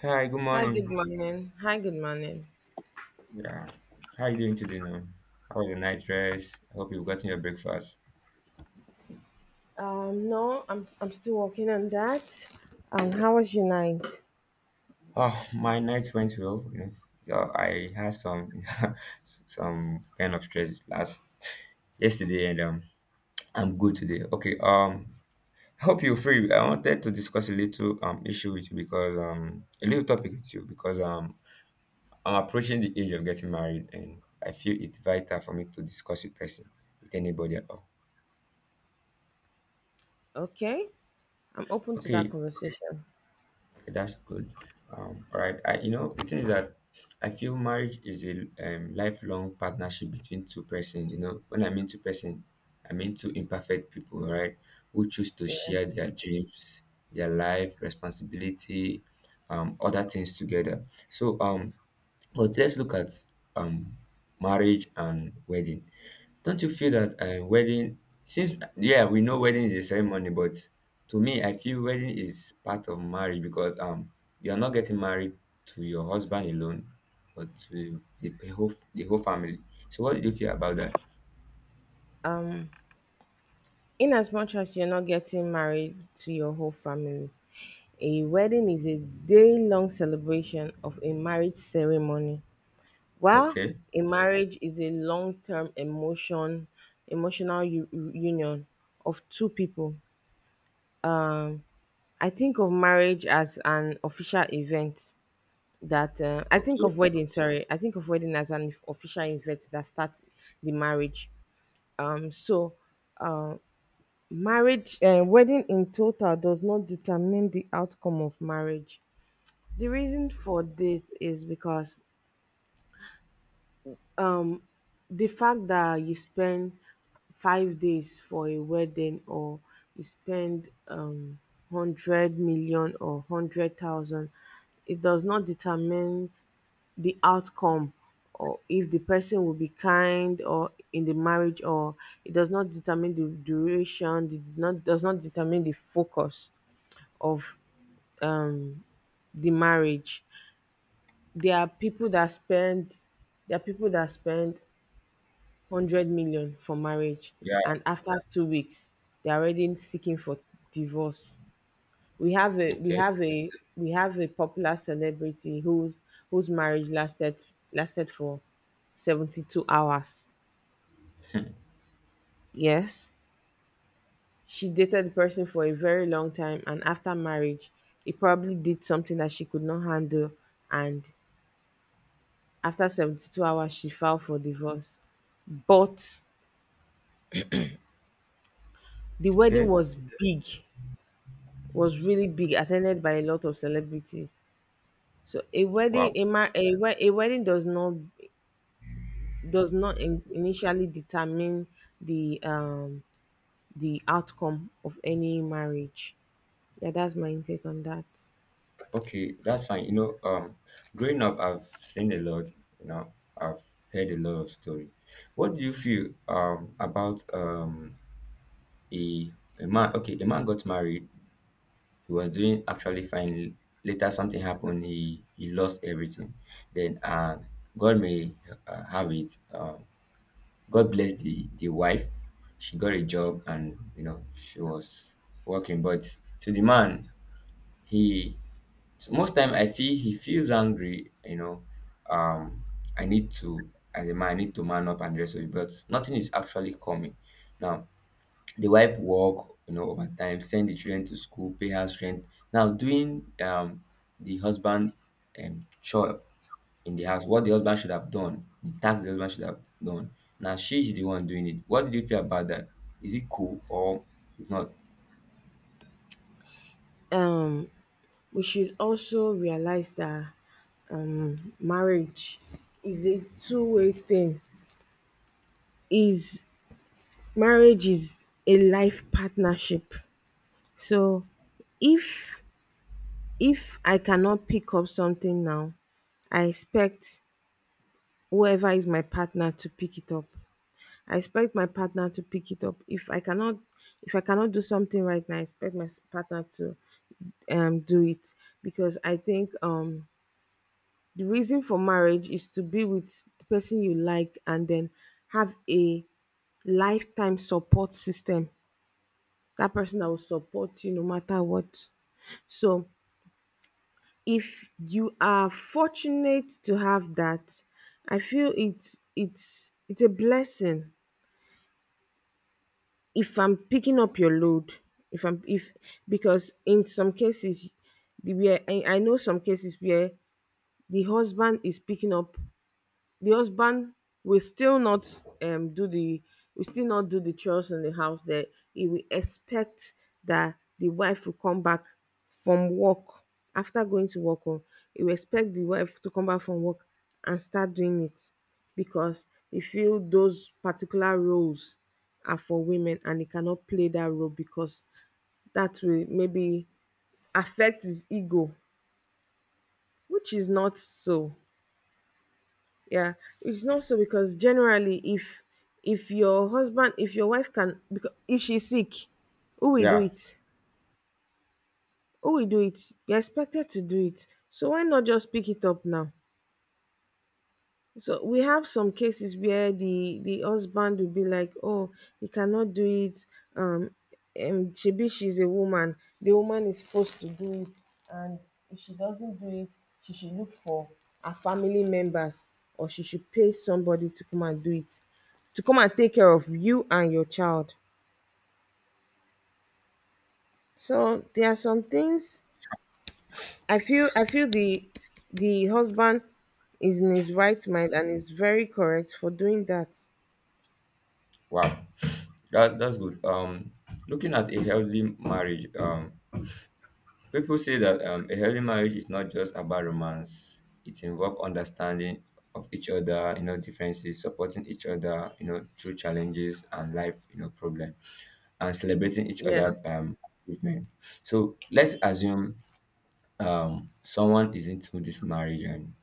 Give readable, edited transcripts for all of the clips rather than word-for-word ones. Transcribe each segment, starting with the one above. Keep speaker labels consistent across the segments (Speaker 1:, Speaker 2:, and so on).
Speaker 1: Hi, good
Speaker 2: Hi, good
Speaker 1: morning.
Speaker 2: morning. Hi, good morning.
Speaker 1: Yeah. How are you doing today now? How was your night rest? I hope you've gotten your breakfast.
Speaker 2: No, I'm still working on that. How was your night?
Speaker 1: Oh, my night went well, you know. Yeah, I had some some kind of stress last yesterday, and I'm good today. Okay, I hope you're free. I wanted to discuss a little issue with you because a little topic with you because I'm approaching the age of getting married, and I feel it's vital for me to discuss with person, with anybody at all.
Speaker 2: Okay, I'm open to that
Speaker 1: Okay,
Speaker 2: conversation.
Speaker 1: okay, that's good. All right. I, you know, the thing is that I feel marriage is a lifelong partnership between two person. You know, when I mean two person, I mean two imperfect people, all right? Who choose to
Speaker 2: Yeah.
Speaker 1: share their dreams, their life, responsibility, other things together. But let's look at um, marriage and wedding. Don't you feel that wedding, since, yeah, we know wedding is a ceremony, but to me, I feel wedding is part of marriage because you are not getting married to your husband alone, but to the whole family. So, what do you feel about that?
Speaker 2: Um, in as much as you're not getting married to your whole family, a wedding is a day-long celebration of a marriage ceremony. While
Speaker 1: Okay,
Speaker 2: a marriage is a long-term emotional union of two people. Um. I think of marriage as an official event that I think
Speaker 1: okay,
Speaker 2: of wedding. Sorry, I think of wedding as an official event that starts the marriage. Um, so uh, marriage, wedding in total does not determine the outcome of marriage. The reason for this is because um, the fact that you spend 5 days for a wedding or you spend 100 million or 100,000, it does not determine the outcome, or if the person will be kind or in the marriage, or it does not determine the duration did not does not determine the focus of um the marriage. There are people that spend there are people that spend 100 million for marriage,
Speaker 1: yeah,
Speaker 2: and after 2 weeks they're already seeking for divorce. we have a we
Speaker 1: okay,
Speaker 2: have a we have a popular celebrity whose marriage lasted for 72 hours. Yes, she dated the person for a very long time, and after marriage he probably did something that she could not handle, and after 72 hours she filed for divorce. But the wedding
Speaker 1: okay,
Speaker 2: was big, was really big, attended by a lot of celebrities. So a wedding
Speaker 1: wow,
Speaker 2: a, ma- a, we- a wedding does not initially determine the um the outcome of any marriage. Yeah, that's my intake on that.
Speaker 1: okay, that's fine. You know, growing up, I've seen a lot. You know, I've heard a lot of story. What do you feel about a a man? Okay, a man got married. He was doing actually fine. Later, something happened. He lost everything. Then, God may have it. God blessed the wife. She got a job, and you know she was working. But to the man, he so most time I feel he feels angry. You know, um, I need to as a man, I need to man up and dress up. But nothing is actually coming now. The wife work, you know, over time, send the children to school, pay house rent, now doing the husband chore in the house, what the husband should have done, the task the husband should have done, now she is the one doing it. What do you feel about that? Is it cool, or it's not?
Speaker 2: Um, we should also realize that marriage is a two-way thing. Is Marriage is a life partnership. So if if I cannot pick up something now, I expect whoever is my partner to pick it up. I expect my partner to pick it up. If I cannot do something right now, I expect my partner to do it, because I think the reason for marriage is to be with the person you like and then have a lifetime support system. That person that will support you no matter what. So if you are fortunate to have that, I feel it's a blessing. If I'm picking up your load, if I'm if because in some cases I know some cases where the husband is picking up, the husband will still not um do the will still not do the chores in the house there. He will expect that the wife will come back from work, after going to work. Oh, he will expect the wife to come back from work and start doing it, because he feel those particular roles are for women and he cannot play that role because that will maybe affect his ego, which is not so. Yeah, it's not so, because generally if your wife can, because if she's sick, who will do
Speaker 1: Yeah.
Speaker 2: it? Who will do it? You're expected to do it, so why not just pick it up now? So we have some cases where the husband will be like, "Oh, he cannot do it. Um, shebi she's a woman. The woman is supposed to do it, and if she doesn't do it, she should look for her family members, or she should pay somebody to come and do it, to come and take care of you and your child." So there are some things I feel the husband is in his right mind and is very correct for doing that.
Speaker 1: Wow, that that's good. Looking at a healthy marriage, people say that a healthy marriage is not just about romance. It involves understanding of each other, you know, differences, supporting each other, you know, through challenges and life, you know, problem, and celebrating each
Speaker 2: Yeah.
Speaker 1: other achievement. So let's assume someone is into this marriage and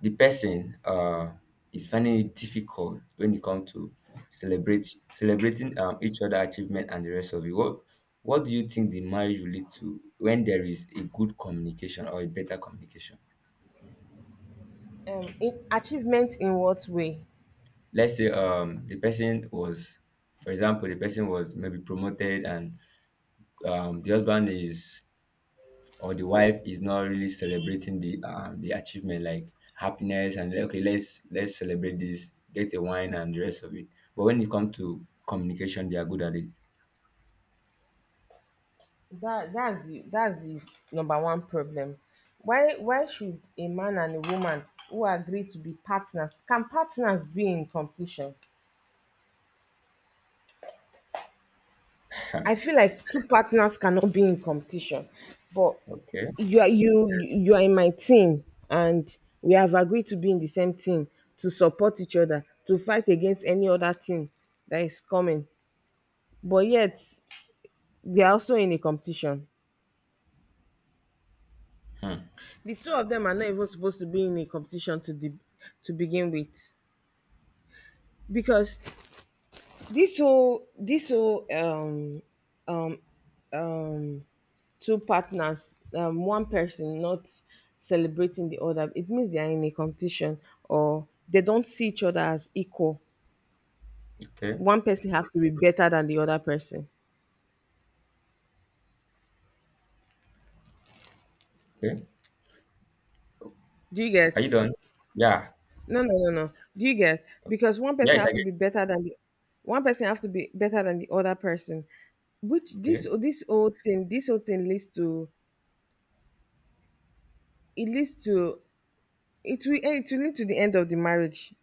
Speaker 1: the person is finding it difficult when it comes to celebrate celebrating each other achievement and the rest of it. What do you think the marriage will lead to when there is a good communication or a better communication?
Speaker 2: Um, in achievement in what way?
Speaker 1: Let's say the person was, for example, the person was maybe promoted, and the husband is or the wife is not really celebrating the achievement like happiness and like, okay, let's celebrate this, get a wine and the rest of it, but when it comes to communication they are good at it.
Speaker 2: That's the number one problem. Why should a man and a woman who agree to be partners, can partners be in competition? I feel like two partners cannot be in competition. But
Speaker 1: Okay.
Speaker 2: you are, you are in my team, and we have agreed to be in the same team, to support each other, to fight against any other team that is coming. But yet, we are also in a competition.
Speaker 1: Hmm.
Speaker 2: The two of them are not even supposed to be in a competition to begin with, because this whole um two partners, one person not celebrating the other, it means they are in a competition, or they don't see each other as equal.
Speaker 1: Okay.
Speaker 2: One person has to be better than the other person.
Speaker 1: Okay,
Speaker 2: Do you
Speaker 1: are you
Speaker 2: get?
Speaker 1: done? Yeah.
Speaker 2: No, no, no, no. Do you get? Because one
Speaker 1: Yeah,
Speaker 2: person
Speaker 1: it's
Speaker 2: have to
Speaker 1: again.
Speaker 2: be better than the one person have to be better than the other person. Which this
Speaker 1: Okay.
Speaker 2: whole thing leads to, it leads to it will it will lead to the end of the marriage.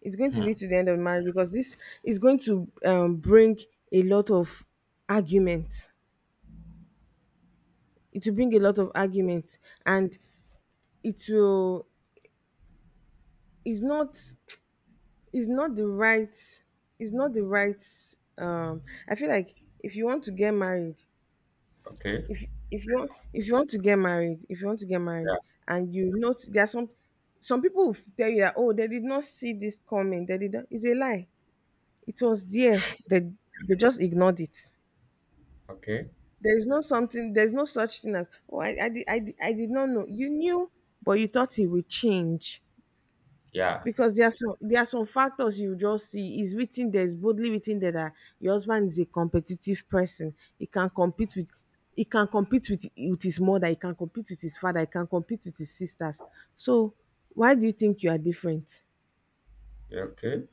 Speaker 2: It's going to
Speaker 1: Hmm.
Speaker 2: lead to the end of the marriage, because this is going to bring a lot of argument. It will bring a lot of argument, and it will is not is not the right is not the right um I feel like if you want to get married,
Speaker 1: Okay.
Speaker 2: if if you want to get married if you want to get married
Speaker 1: Yeah.
Speaker 2: and you notice there are some people will tell you that oh, they did not see this coming, they did not. It's a lie. It was there, they just ignored it.
Speaker 1: Okay.
Speaker 2: There's no such thing as oh, I did not know. You knew, but you thought it would change.
Speaker 1: Yeah.
Speaker 2: Because there are some factors you just see. It's written there, it's boldly written there that your husband is a competitive person. He can compete with, with his mother, he can compete with his father, he can compete with his sisters. So why do you think you are different?
Speaker 1: Yeah, okay.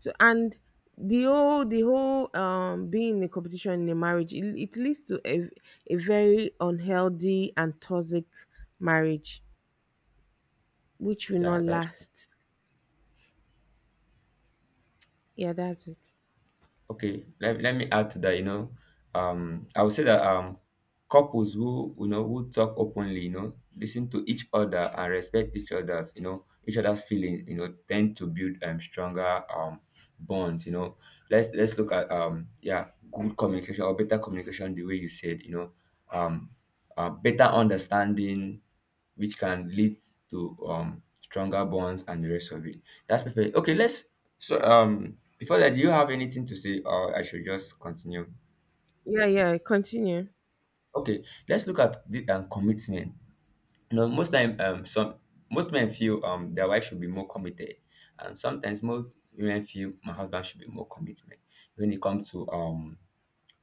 Speaker 2: So and the whole being in a competition in a marriage, it leads to a very unhealthy and toxic marriage, which will not
Speaker 1: Yeah, that's.
Speaker 2: last. Yeah, that's it.
Speaker 1: Okay, let, let me add to that, you know. I would say that couples who, you know, who talk openly, you know, listen to each other and respect each other's, you know, each other's feelings, you know, tend to build stronger bonds, you know. Let's look at yeah, good communication or better communication the way you said, you know, um better understanding which can lead to stronger bonds and the rest of it. That's perfect. Okay, let's so before that, do you have anything to say, or I should just continue?
Speaker 2: Yeah, yeah, continue.
Speaker 1: Okay, let's look at the commitment. You know, most time, some most men feel their wife should be more committed, and sometimes most women feel my husband should be more commitment when it comes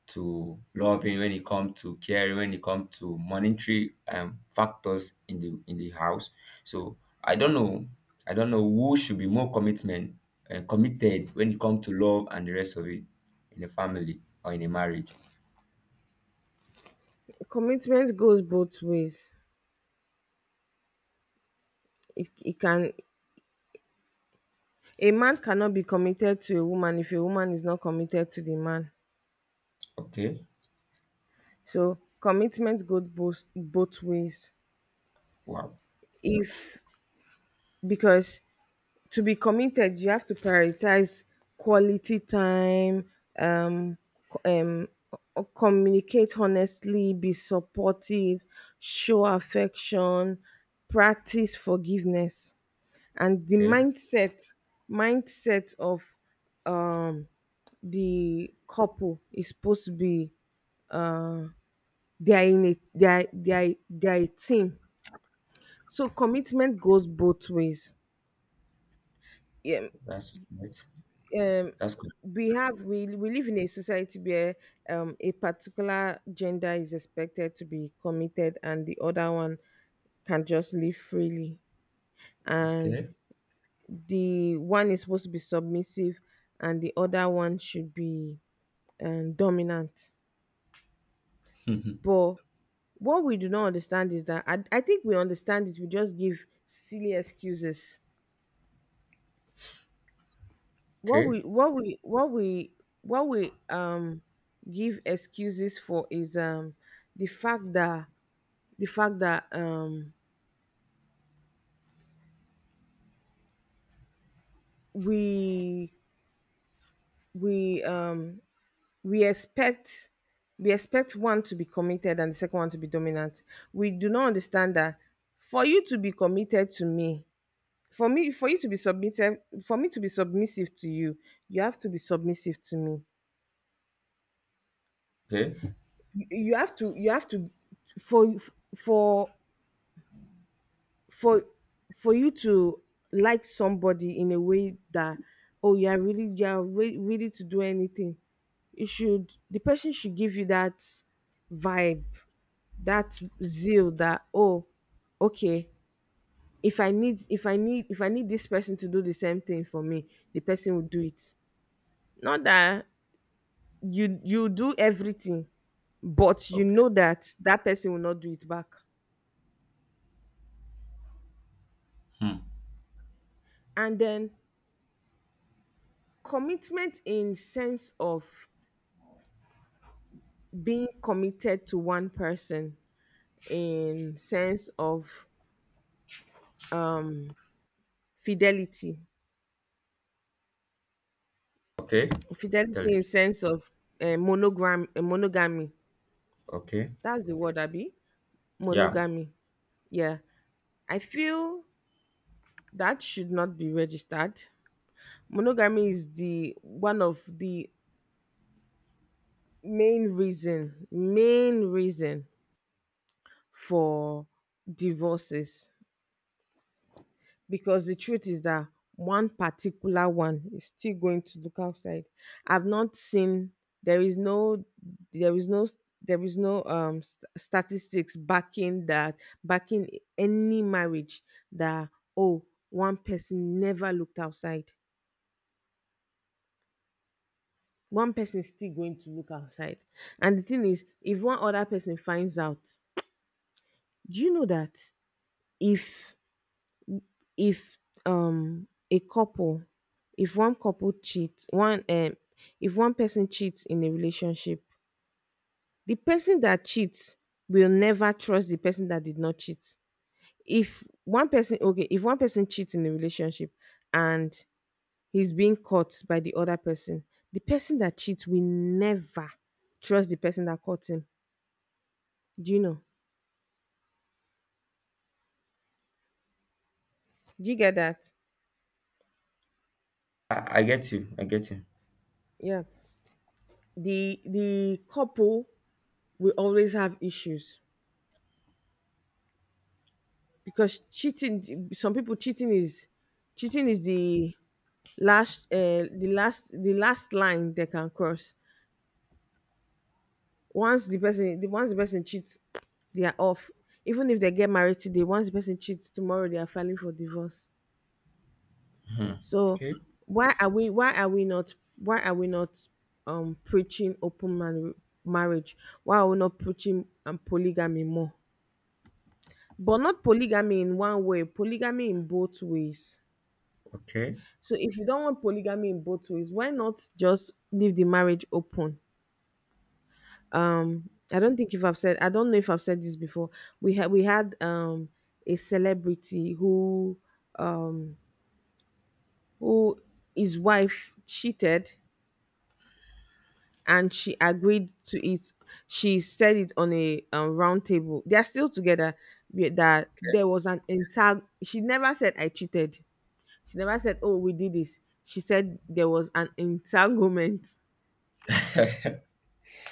Speaker 1: to loving, when it comes to caring, when it comes to monetary factors in the house. So I don't know, I don't know who should be more commitment committed when it comes to love and the rest of it in a family or in a marriage.
Speaker 2: Commitment goes both ways. It can, a man cannot be committed to a woman if a woman is not committed to the man.
Speaker 1: Okay.
Speaker 2: So commitment goes both ways.
Speaker 1: Wow.
Speaker 2: If because to be committed, you have to prioritize quality time, um, co- um, communicate honestly, be supportive, show affection, practice forgiveness, and the
Speaker 1: Okay.
Speaker 2: mindset of um the couple is supposed to be, they are in a, they are a team. So commitment goes both ways. Yeah.
Speaker 1: That's that's
Speaker 2: um
Speaker 1: that's good.
Speaker 2: we have, we live in a society where a particular gender is expected to be committed, and the other one can just live freely, and
Speaker 1: Okay.
Speaker 2: the one is supposed to be submissive, and the other one should be dominant.
Speaker 1: Mhm.
Speaker 2: But what we do not understand is that, I think we understand it. We just give silly excuses. What we
Speaker 1: Okay.
Speaker 2: what we what we what we give excuses for is the fact that, the fact that um we, we um we expect, we expect one to be committed and the second one to be dominant. We do not understand that for you to be committed to me, for you to be submissive, for me to be submissive to you, you have to be submissive to me.
Speaker 1: Okay.
Speaker 2: You have to you have to, for for for for you to like somebody in a way that oh, you're ready to do anything, you should the person should give you that vibe, that zeal, that oh, okay, if I need this person to do the same thing for me, the person will do it. Not that you do everything, but you
Speaker 1: Okay.
Speaker 2: know that that person will not do it back.
Speaker 1: Hmm.
Speaker 2: And then commitment in sense of being committed to one person, in sense of fidelity,
Speaker 1: Okay.
Speaker 2: fidelity in
Speaker 1: Fidelity.
Speaker 2: sense of monogram monogamy.
Speaker 1: Okay.
Speaker 2: That's the word, Abby.
Speaker 1: Yeah.
Speaker 2: Monogamy. Yeah, I feel that should not be registered. Monogamy is the one of the main reason for divorces, because the truth is that one particular one is still going to look outside. I've not seen, there is no there is no there is no statistics backing that backing any marriage that oh, one person never looked outside. One person is still going to look outside, and the thing is if one other person finds out, do you know that, if if a couple, if one couple cheats, one if one person cheats in a relationship, the person that cheats will never trust the person that did not cheat. If one person Okay, if one person cheats in a relationship and he's being caught by the other person, the person that cheats will never trust the person that caught him. Do you know? Do you get that?
Speaker 1: I get you. I get you.
Speaker 2: Yeah, the couple will always have issues, because cheating some people cheating is the last the last line they can cross. Once the person cheats, they are off. Even if they get married today, once the person cheats tomorrow, they are filing for divorce.
Speaker 1: Hmm.
Speaker 2: So
Speaker 1: Okay.
Speaker 2: why are we not preaching open marriage? Why are we not preaching polygamy more? But not polygamy in one way, polygamy in both ways.
Speaker 1: Okay.
Speaker 2: So if you don't want polygamy in both ways, why not just leave the marriage open? I've said I don't know if I've said this before. We had a celebrity who um who his wife cheated and she agreed to it. She said it on a round table. They are still together. That there was an entire. She never said I cheated. She never said oh, we did this. She said there was an entanglement.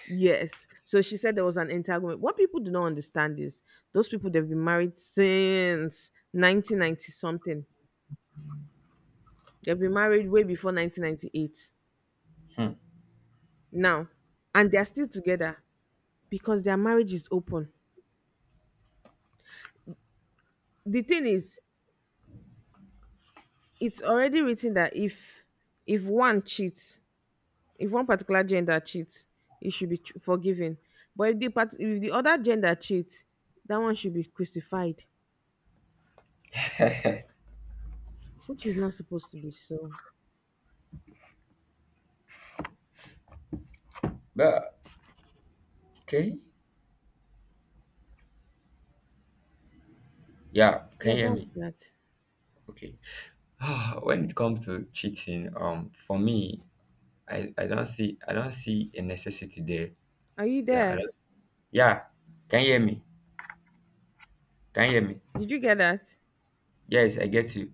Speaker 2: Yes. So she said there was an entanglement. What people do not understand is those people, they've been married since 1990 something. They've been married way before 1998.
Speaker 1: Hmm.
Speaker 2: Now, and they are still together because their marriage is open. The thing is, it's already written that if one cheats, if one particular gender cheats, it should be forgiven. But if the if the other gender cheats, that one should be crucified, which is not supposed to be so.
Speaker 1: But okay. Yeah, can
Speaker 2: Yeah,
Speaker 1: you hear
Speaker 2: that's
Speaker 1: me?
Speaker 2: that.
Speaker 1: Okay. When it comes to cheating, for me, I don't see a necessity there.
Speaker 2: Are you
Speaker 1: Yeah, I
Speaker 2: there?
Speaker 1: don't, yeah. Can you hear me? Can you hear me?
Speaker 2: Did you get that?
Speaker 1: Yes, I get you.